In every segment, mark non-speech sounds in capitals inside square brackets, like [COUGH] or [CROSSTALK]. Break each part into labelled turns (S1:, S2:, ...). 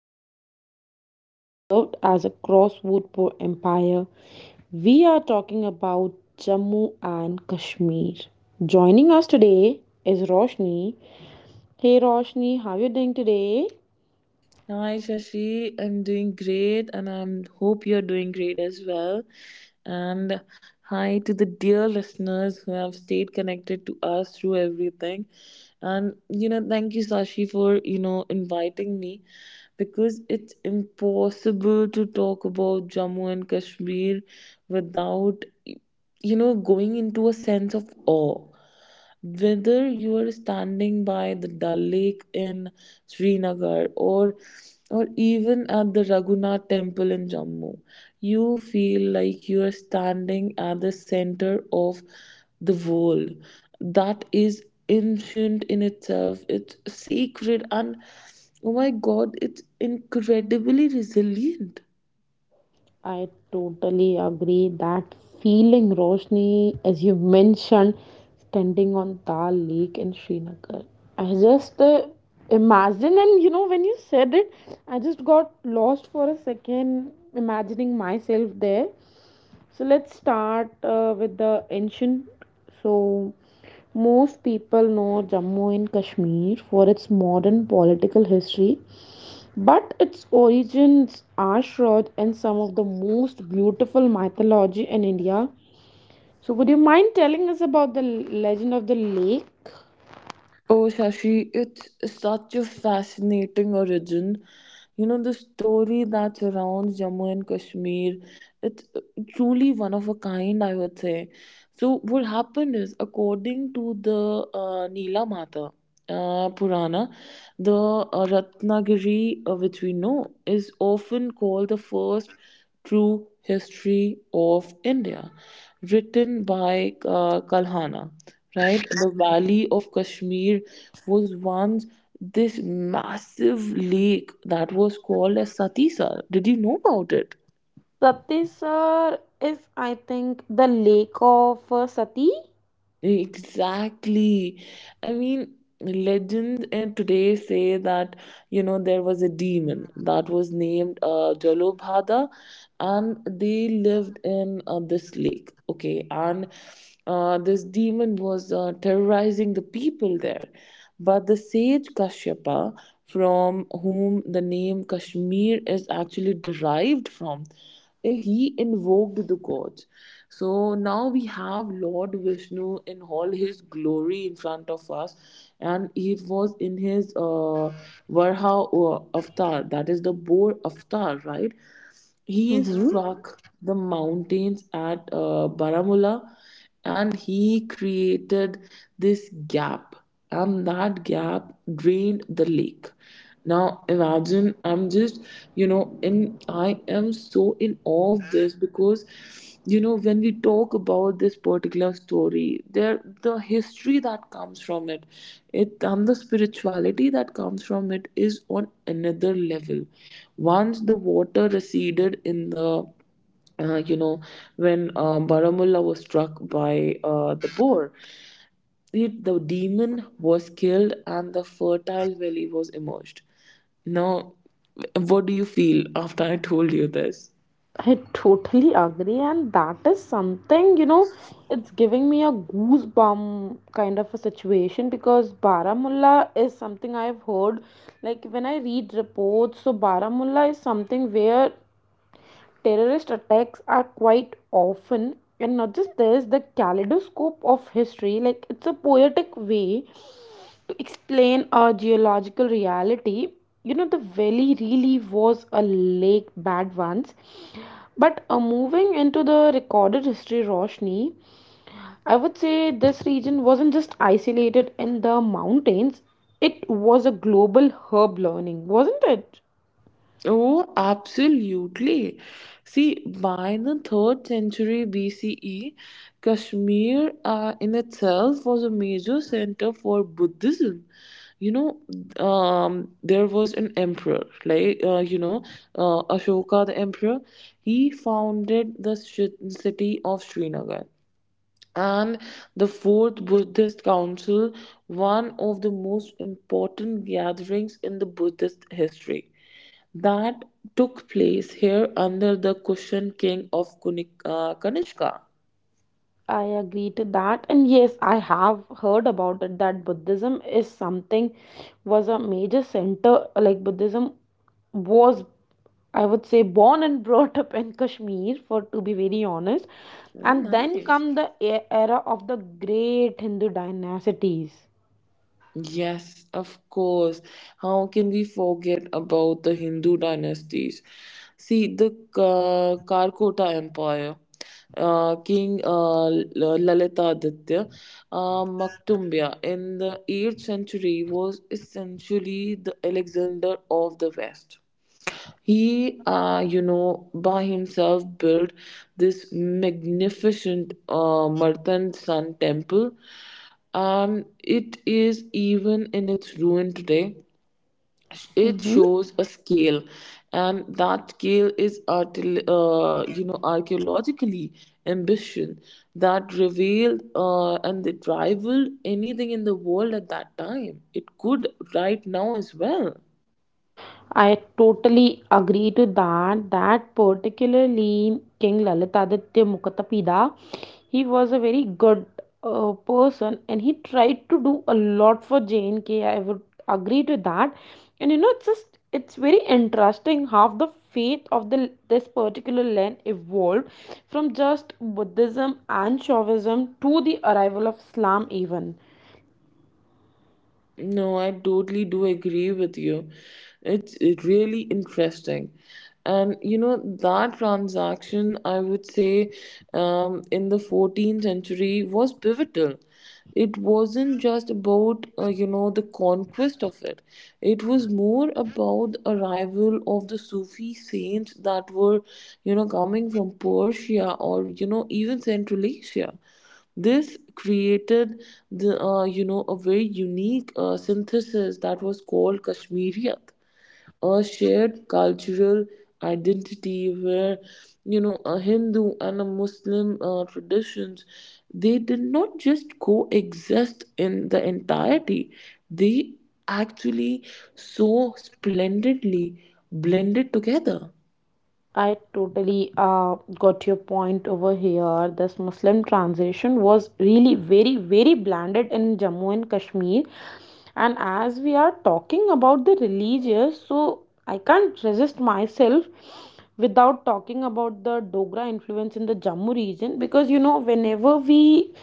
S1: for millennia and served as a crossroad for empire. We are talking about Jammu and Kashmir. Joining us today is Roshni. Hey Roshni, how are you doing today?
S2: Hi Shashi, I'm doing great and I hope you're doing great as well. And hi to the dear listeners who have stayed connected to us through everything. And you know, thank you Sashi for, you know, inviting me because it's impossible to talk about Jammu and Kashmir without going into a sense of awe, whether you are standing by the Dal Lake in Srinagar or even at the Raghunath Temple in Jammu. You feel like you are standing at the center of the world that is ancient in itself. It's sacred and, oh my god, it's incredibly resilient.
S1: I totally agree. That feeling, Roshni, as you mentioned, standing on Dal Lake in Srinagar. I just imagine, and when you said it, I just got lost for a second, imagining myself there. So let's start with the ancient. So most people know Jammu and Kashmir for its modern political history, but its origins are shrouded in some of the most beautiful mythology in India. So, would you mind telling us about the legend of the lake?
S2: Oh, Shashi, it's such a fascinating origin. You know, the story that surrounds Jammu and Kashmir, it's truly one of a kind, I would say. So, what happened is, according to the Nila Mata Purana, the Ratnagiri, which we know, is often called the first true history of India, written by Kalhana, right? The valley of Kashmir was once this massive lake that was called as Satisar. Did you know about it?
S1: Satisar is, I think, the lake of Sati.
S2: Exactly. I mean, legends today say that, you know, there was a demon that was named Jalobhada, and they lived in this lake. Okay. And this demon was terrorizing the people there. But the sage Kashyapa, from whom the name Kashmir is actually derived from, he invoked the gods. So now we have Lord Vishnu in all his glory in front of us, and it was in his Varha avatar, that is the boar avatar, right? He
S1: Mm-hmm.
S2: struck the mountains at Baramulla and he created this gap, and that gap drained the lake. Now imagine. I'm just, you know, in I am so in awe of this because, you know, when we talk about this particular story, there, the history that comes from it, and the spirituality that comes from it, is on another level. Once the water receded in the uh, you know when baramulla was struck by the boar, the demon was killed and the fertile valley was emerged. Now, what do you feel after I told you this?
S1: I totally agree, and that is something, it's giving me a goosebump kind of a situation because Baramulla is something I've heard. Like when I read reports, so Baramulla is something where terrorist attacks are quite often. And not just this, the kaleidoscope of history, like it's a poetic way to explain our geological reality. You know, the valley really was a lake bad once. But moving into the recorded history, Roshni, I would say this region wasn't just isolated in the mountains. It was a global herb learning, wasn't it?
S2: Oh, absolutely. See, by the 3rd century BCE, Kashmir in itself was a major center for Buddhism. There was an emperor, Ashoka the emperor. He founded the city of Srinagar. And the Fourth Buddhist Council, one of the most important gatherings in the Buddhist history, that took place here under the Kushan king of Kunik, Kanishka.
S1: I agree to that. And yes, I have heard about it that Buddhism is something, was a major center. Like Buddhism was, I would say, born and brought up in Kashmir, for, to be very honest.
S2: Oh,
S1: And then
S2: nice.
S1: come the era of the great Hindu dynasties.
S2: Yes, of course. How can we forget about the Hindu dynasties? See, the Karkota Empire, King Lalitaditya, Maktumbya in the 8th century was essentially the Alexander of the West. He by himself built this magnificent Martan Sun temple, and it is even in its ruin today. It
S1: Mhm.
S2: shows a scale, and that scale is archaeologically ambition that revealed, and it rivaled anything in the world at that time, it could right now as well.
S1: I totally agree to that. That particularly King Lalitaditya Mukhtapida, he was a very good person and he tried to do a lot for JNK. I would agree to that. And it's just it's very interesting how the faith of the this particular land evolved from just Buddhism and Shaivism to the arrival of Islam even.
S2: No, I totally do agree with you. It's really interesting. And you know, that transaction, I would say, in the 14th century was pivotal. It wasn't just about, the conquest of it, it was more about the arrival of the Sufi saints that were, you know, coming from Persia or, you know, even Central Asia. This created the a very unique synthesis that was called Kashmiriyat, a shared cultural identity where, you know, a Hindu and a Muslim traditions, they did not just coexist in the entirety, they actually so splendidly blended together.
S1: I totally got your point over here. This Muslim transition was really very, very blended in Jammu and Kashmir. And as we are talking about the religious, so I can't resist myself without talking about the Dogra influence in the Jammu region, because whenever we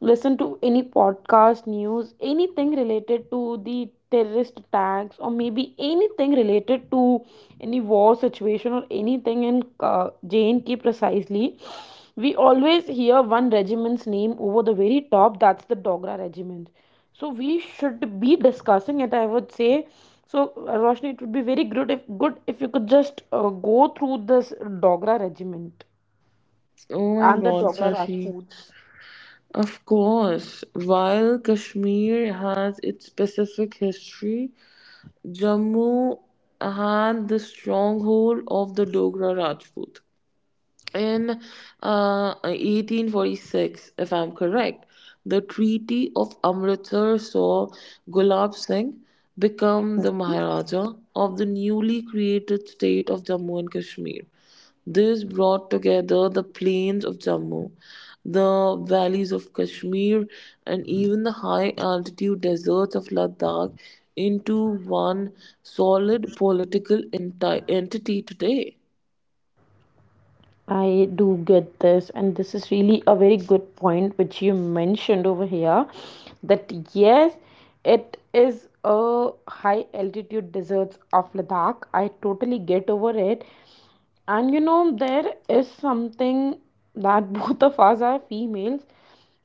S1: listen to any podcast, news, anything related to the terrorist attacks, or maybe anything related to any war situation or anything in JNK precisely, we always hear one regiment's name over the very top. That's the Dogra regiment. So we should be discussing it, I would say. So Roshni, it would be very good if you could just go through this Dogra regiment
S2: Oh my
S1: and the
S2: god,
S1: Dogra
S2: Shashi.
S1: Rajputs.
S2: Of course, while Kashmir has its specific history, Jammu had the stronghold of the Dogra Rajput in 1846, if I'm correct. The Treaty of Amritsar saw Gulab Singh become the Maharaja of the newly created state of Jammu and Kashmir. This brought together the plains of Jammu, the valleys of Kashmir, and even the high altitude deserts of Ladakh into one solid political entity today.
S1: I do get this, and this is really a very good point which you mentioned over here. That yes, it is a high altitude deserts of Ladakh. I totally get over it, and there is something that [LAUGHS] both of us are females,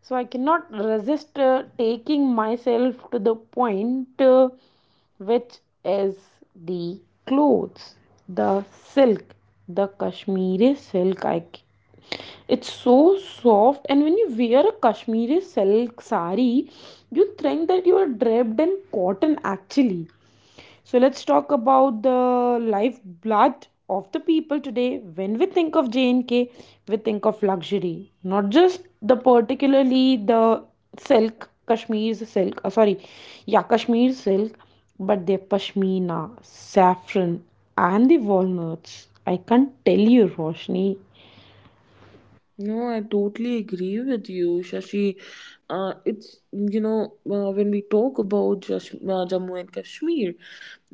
S1: so I cannot resist taking myself to the point, which is the clothes, the silk, the Kashmiri silk. It's so soft, and when you wear a Kashmiri silk sari, you think that you are draped in cotton actually. So let's talk about the lifeblood of the people today. When we think of J&K, we think of luxury, not just the particularly the silk, Kashmir silk, sorry, yeah, Kashmir silk, but their pashmina, saffron, and the walnuts. I can't tell you, Roshni,
S2: No, I totally agree with you, Shashi. It's when we talk about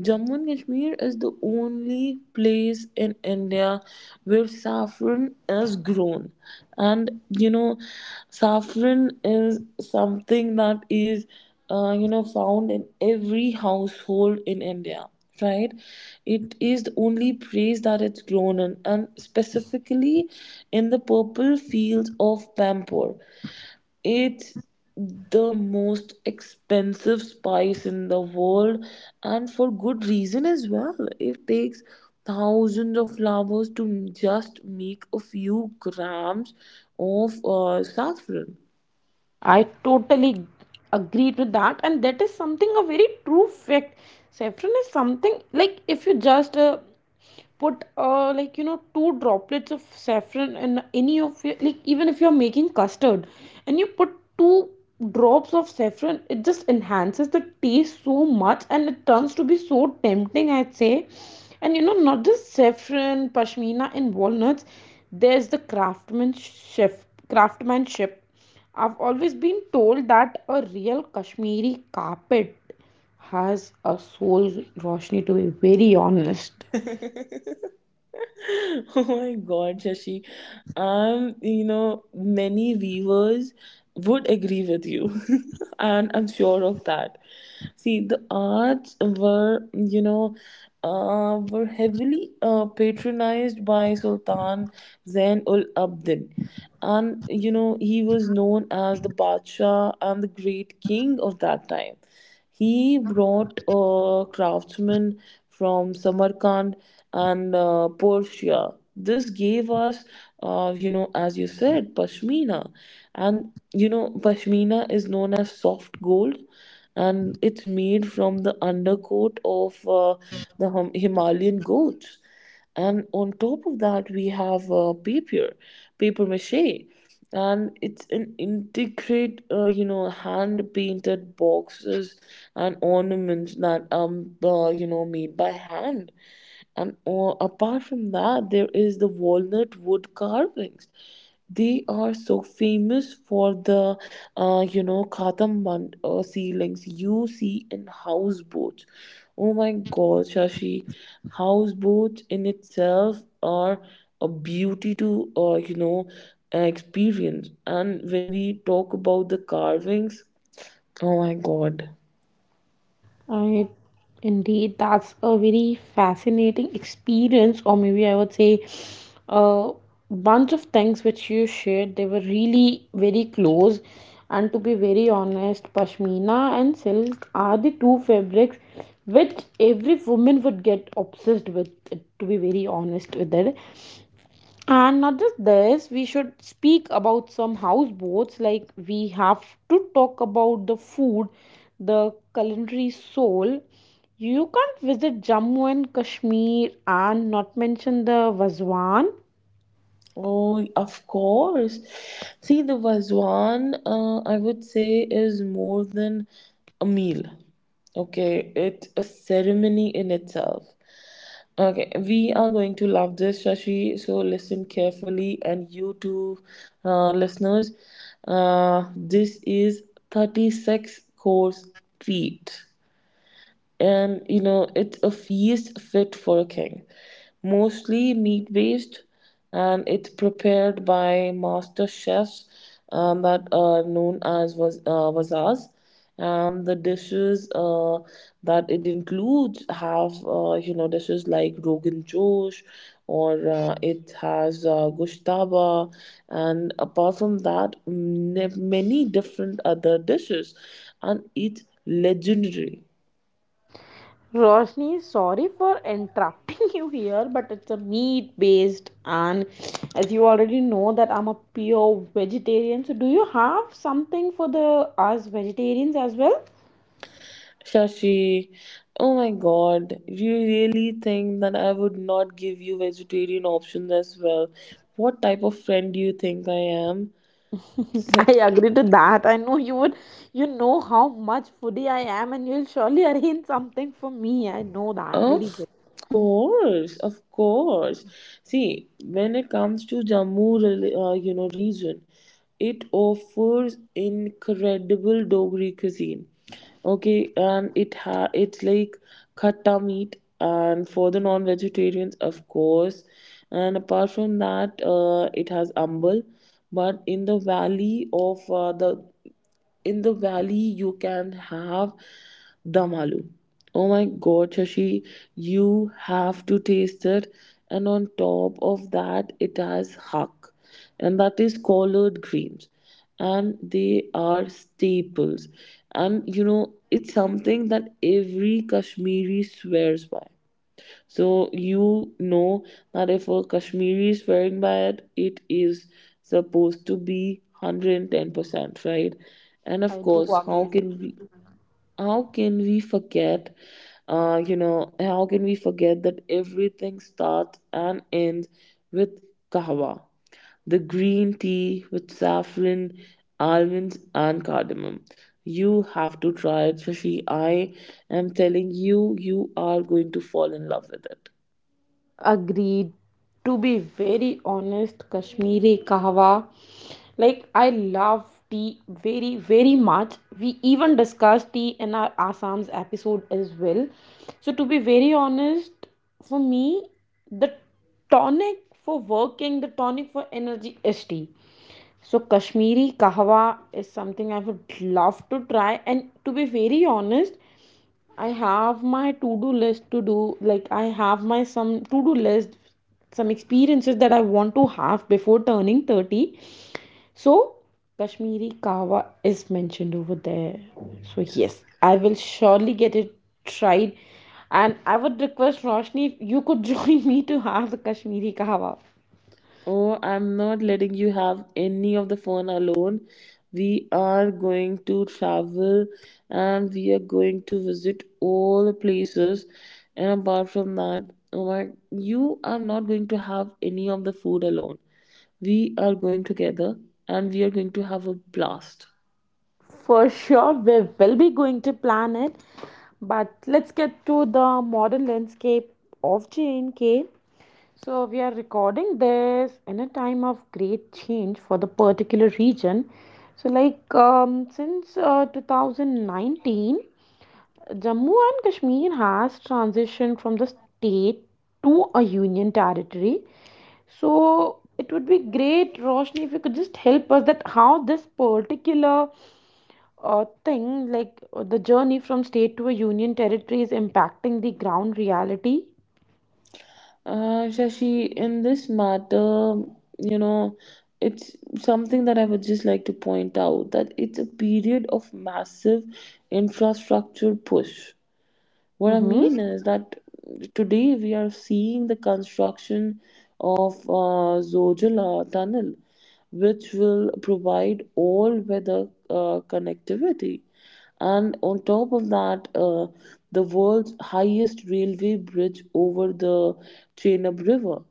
S2: Jammu and Kashmir is the only place in India where saffron is grown, and you know, saffron is something that is found in every household in india, right? It is the only praise that it's grown in, and specifically in the purple fields of Pampore. It's the most expensive spice in the world, and for good reason as well. It takes thousands of flowers to just make a few grams of saffron.
S1: I totally agree to that, and that is something a very true fact. Saffron is something like if you just put like two droplets of saffron in any of your, like, even if you're making custard and you put two drops of saffron, it just enhances the taste so much and it turns to be so tempting, I'd say. And not just saffron, pashmina, and walnuts, there's the craftsmanship. I've always been told that a real Kashmiri carpet has a soul, Roshni, to be very honest.
S2: [LAUGHS] [LAUGHS] Oh my God, Shashi. You know, many viewers would agree with you, [LAUGHS] and I'm sure of that. See, the arts were, were heavily patronized by Sultan Zain ul Abidin, and you know, he was known as the Badshah and the great king of that time. He brought craftsmen from Samarkand and Persia. This gave us, as you said, pashmina, and you know, pashmina is known as soft gold, and it's made from the undercoat of Himalayan goats. And on top of that, we have paper mache, and it's an integrate, hand painted boxes and ornaments that made by hand. And apart from that, there is the walnut wood carvings. They are so famous for the katamban ceilings you see in houseboats. Oh my god, shashi, houseboats in itself are a beauty to experience. And when we talk about the carvings, oh my god.
S1: I, indeed, that's a very fascinating experience, or maybe I would say a bunch of things which you shared. They were really very close. And to be very honest, Pashmina and silk are the two fabrics which every woman would get obsessed with, to be very honest with it. And not just this, we should speak about some houseboats. Like we have to talk about the food, the culinary soul. You can't visit Jammu and Kashmir and not mention the Vazwan.
S2: Oh, of course. See, the Vazwan, I would say, is more than a meal. Okay, it's a ceremony in itself. Okay, we are going to love this, Shashi. So listen carefully, and you too, listeners. This is 36 course treat. And you know it's a feast fit for a king, mostly meat based, and it's prepared by master chefs, that are known as wasas. The dishes that it includes have, dishes like rogan josh, or it has gushtaba, and apart from that, many different other dishes, and it's legendary.
S1: Roshni, sorry for interrupting [LAUGHS] you here, but it's a meat based, and as you already know that I'm a pure vegetarian. So, do you have something for the us vegetarians as well?
S2: Shashi, oh my god, you really think that I would not give you vegetarian options as well? What type of friend do you think I am?
S1: [LAUGHS] I agree to that. I know you would, you know how much foodie I am, and you'll surely arrange something for me. I know that very
S2: Of
S1: well.
S2: course, of course. See, when it comes to Jammu, region, it offers incredible Dogri cuisine. Okay, and it's like khatta meat, and for the non-vegetarians, of course. And apart from that, it has ambal. But in the valley you can have dum aloo. Oh my god, shashi, you have to taste it. And on top of that, it has hak, and that is collard greens, and they are staples. And you know, it's something that every kashmiri swears by. So you know that if a Kashmiri is wearing it, it is supposed to be 110%, right? And of
S1: I do
S2: course, how
S1: agree.
S2: can we how can we forget, you know, how can we forget that everything starts and ends with kahwa, the green tea with saffron, almonds, and cardamom. You have to try it, Shashi. I am telling you, you are going to fall in love with it.
S1: Agreed. To be very honest, Kashmiri kahwa, like I love tea very, very much. We even discussed tea in our Assam's episode as well. So, to be very honest, for me, the tonic for working, the tonic for energy is tea. So Kashmiri kahwa is something I would love to try. And to be very honest, I have my to do list to do. Like, I have my some to do list, some experiences that I want to have before turning 30. So, Kashmiri Kawa is mentioned over there. So, yes, I will surely get it tried. And I would request Roshni if you could [LAUGHS] join me to have the Kashmiri Kawa.
S2: Oh, I'm not letting you have any of the fun alone. We are going to travel and we are going to visit all the places. And apart from that, oh my, you are not going to have any of the food alone. We are going together and we are going to have a blast.
S1: For sure, we will be going to plan it. But let's get to the modern landscape of J&K. So, we are recording this in a time of great change for the particular region. So, like since 2019, Jammu and Kashmir has transitioned from the state to a union territory. So, it would be great, Roshni, if you could just help us that how this particular thing, like the journey from state to a union territory, is impacting the ground reality.
S2: Shashi, in this matter, you know, it's something that I would just like to point out that it's a period of massive infrastructure push. What I
S1: Mm-hmm.
S2: mean is that today we are seeing the construction of Zojala tunnel, which will provide all weather connectivity. And on top of that, the world's highest railway bridge over the Chenab River.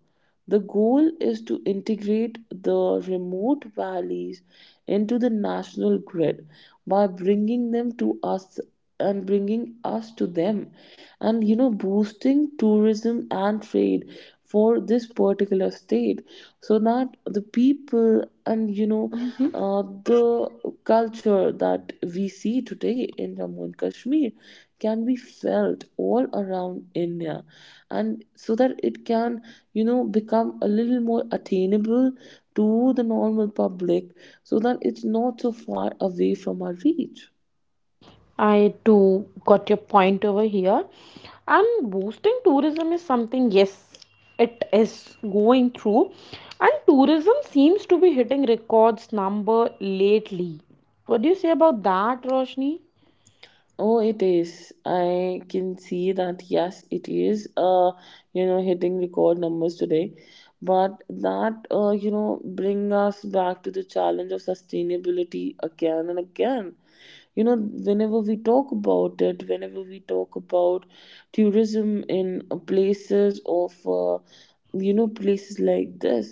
S2: The goal is to integrate the remote valleys into the national grid by bringing them to us and bringing us to them, and you know, boosting tourism and trade for this particular state, so that the people, and
S1: Mm-hmm.
S2: the culture that we see today in Jammu and Kashmir can be felt all around India, and so that it can, you know, become a little more attainable to the normal public, so that it's not so far away from our reach.
S1: I too got your point over here. And boosting tourism is something, yes, it is going through. And tourism seems to be hitting records number lately. What do you say about that, Roshni?
S2: Oh, it is. I can see that. Yes, it is, hitting record numbers today. But that, bring us back to the challenge of sustainability again and again. You know, whenever we talk about it whenever we talk about tourism in places of you know places like this,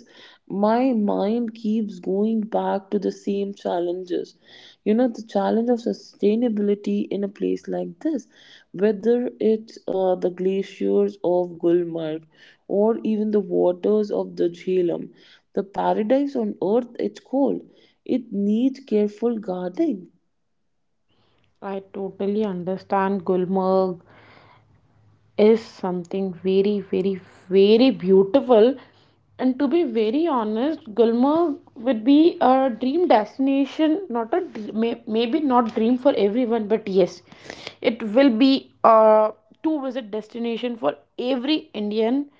S2: my mind keeps going back to the same challenges. You know, the challenge of sustainability in a place like this, whether it's the glaciers of gulmarg or even the waters of the jhelum, the paradise on earth, it's cold. It needs careful guarding.
S1: I totally understand Gulmarg is something very, very, very beautiful. And to be very honest, Gulmarg would be a dream destination, not a maybe not dream for everyone, but yes, it will be a to visit destination for every Indian,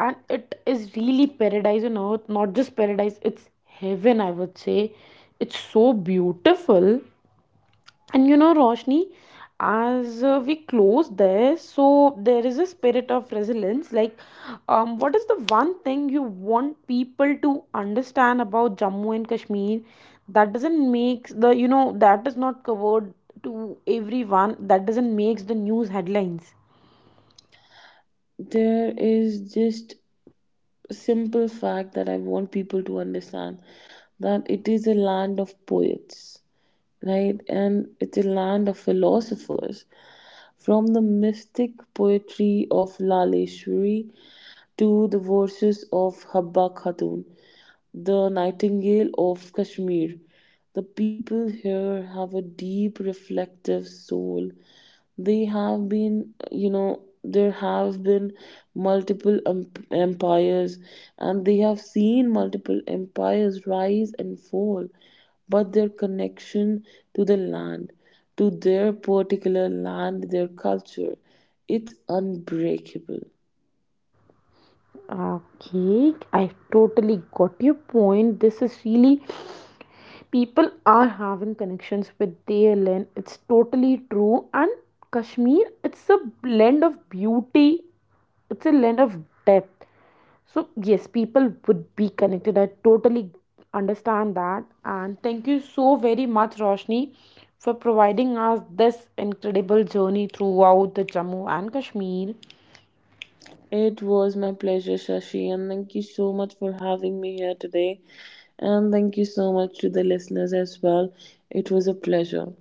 S1: and it is really paradise on earth, not just paradise, it's heaven, I would say. It's so beautiful. And Roshni, as we close there, so there is a spirit of resilience. Like, what is the one thing you want people to understand about Jammu and Kashmir that doesn't make the, that is not covered to everyone, that doesn't make the news headlines?
S2: There is just a simple fact that I want people to understand, that it is a land of poets, right? And it's a land of philosophers. From the mystic poetry of Laleshwari to the verses of Habba Khatun, the nightingale of Kashmir, the people here have a deep reflective soul. They have been, there have been multiple empires, and they have seen multiple empires rise and fall, but their connection to the land, to their particular land, their culture, it's unbreakable.
S1: Okay, I totally got your point. This is really people are having connections with DLN. It's totally true. And Kashmir, it's a blend of beauty, it's a blend of depth. So, yes, people would be connected. I totally understand that. And thank you so very much, Roshni, for providing us this incredible journey throughout the Jammu and Kashmir.
S2: It was my pleasure, shashi, and thank you so much for having me here today. And thank you so much to the listeners as well. It was a pleasure.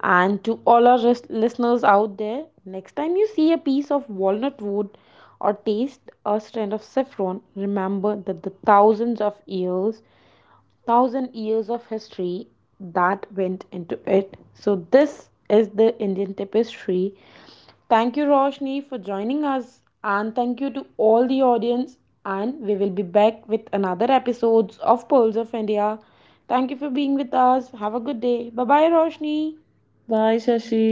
S1: And to all our listeners out there, next time you see a piece of walnut wood or taste a strand of saffron, remember that the thousands of years, thousand years of history that went into it. So, this is the Indian tapestry. Thank you, Roshni, for joining us, and thank you to all the audience. And we will be back with another episodes of Pearls of India. Thank you for being with us. Have a good day. Bye bye, Roshni.
S2: Bye shashi.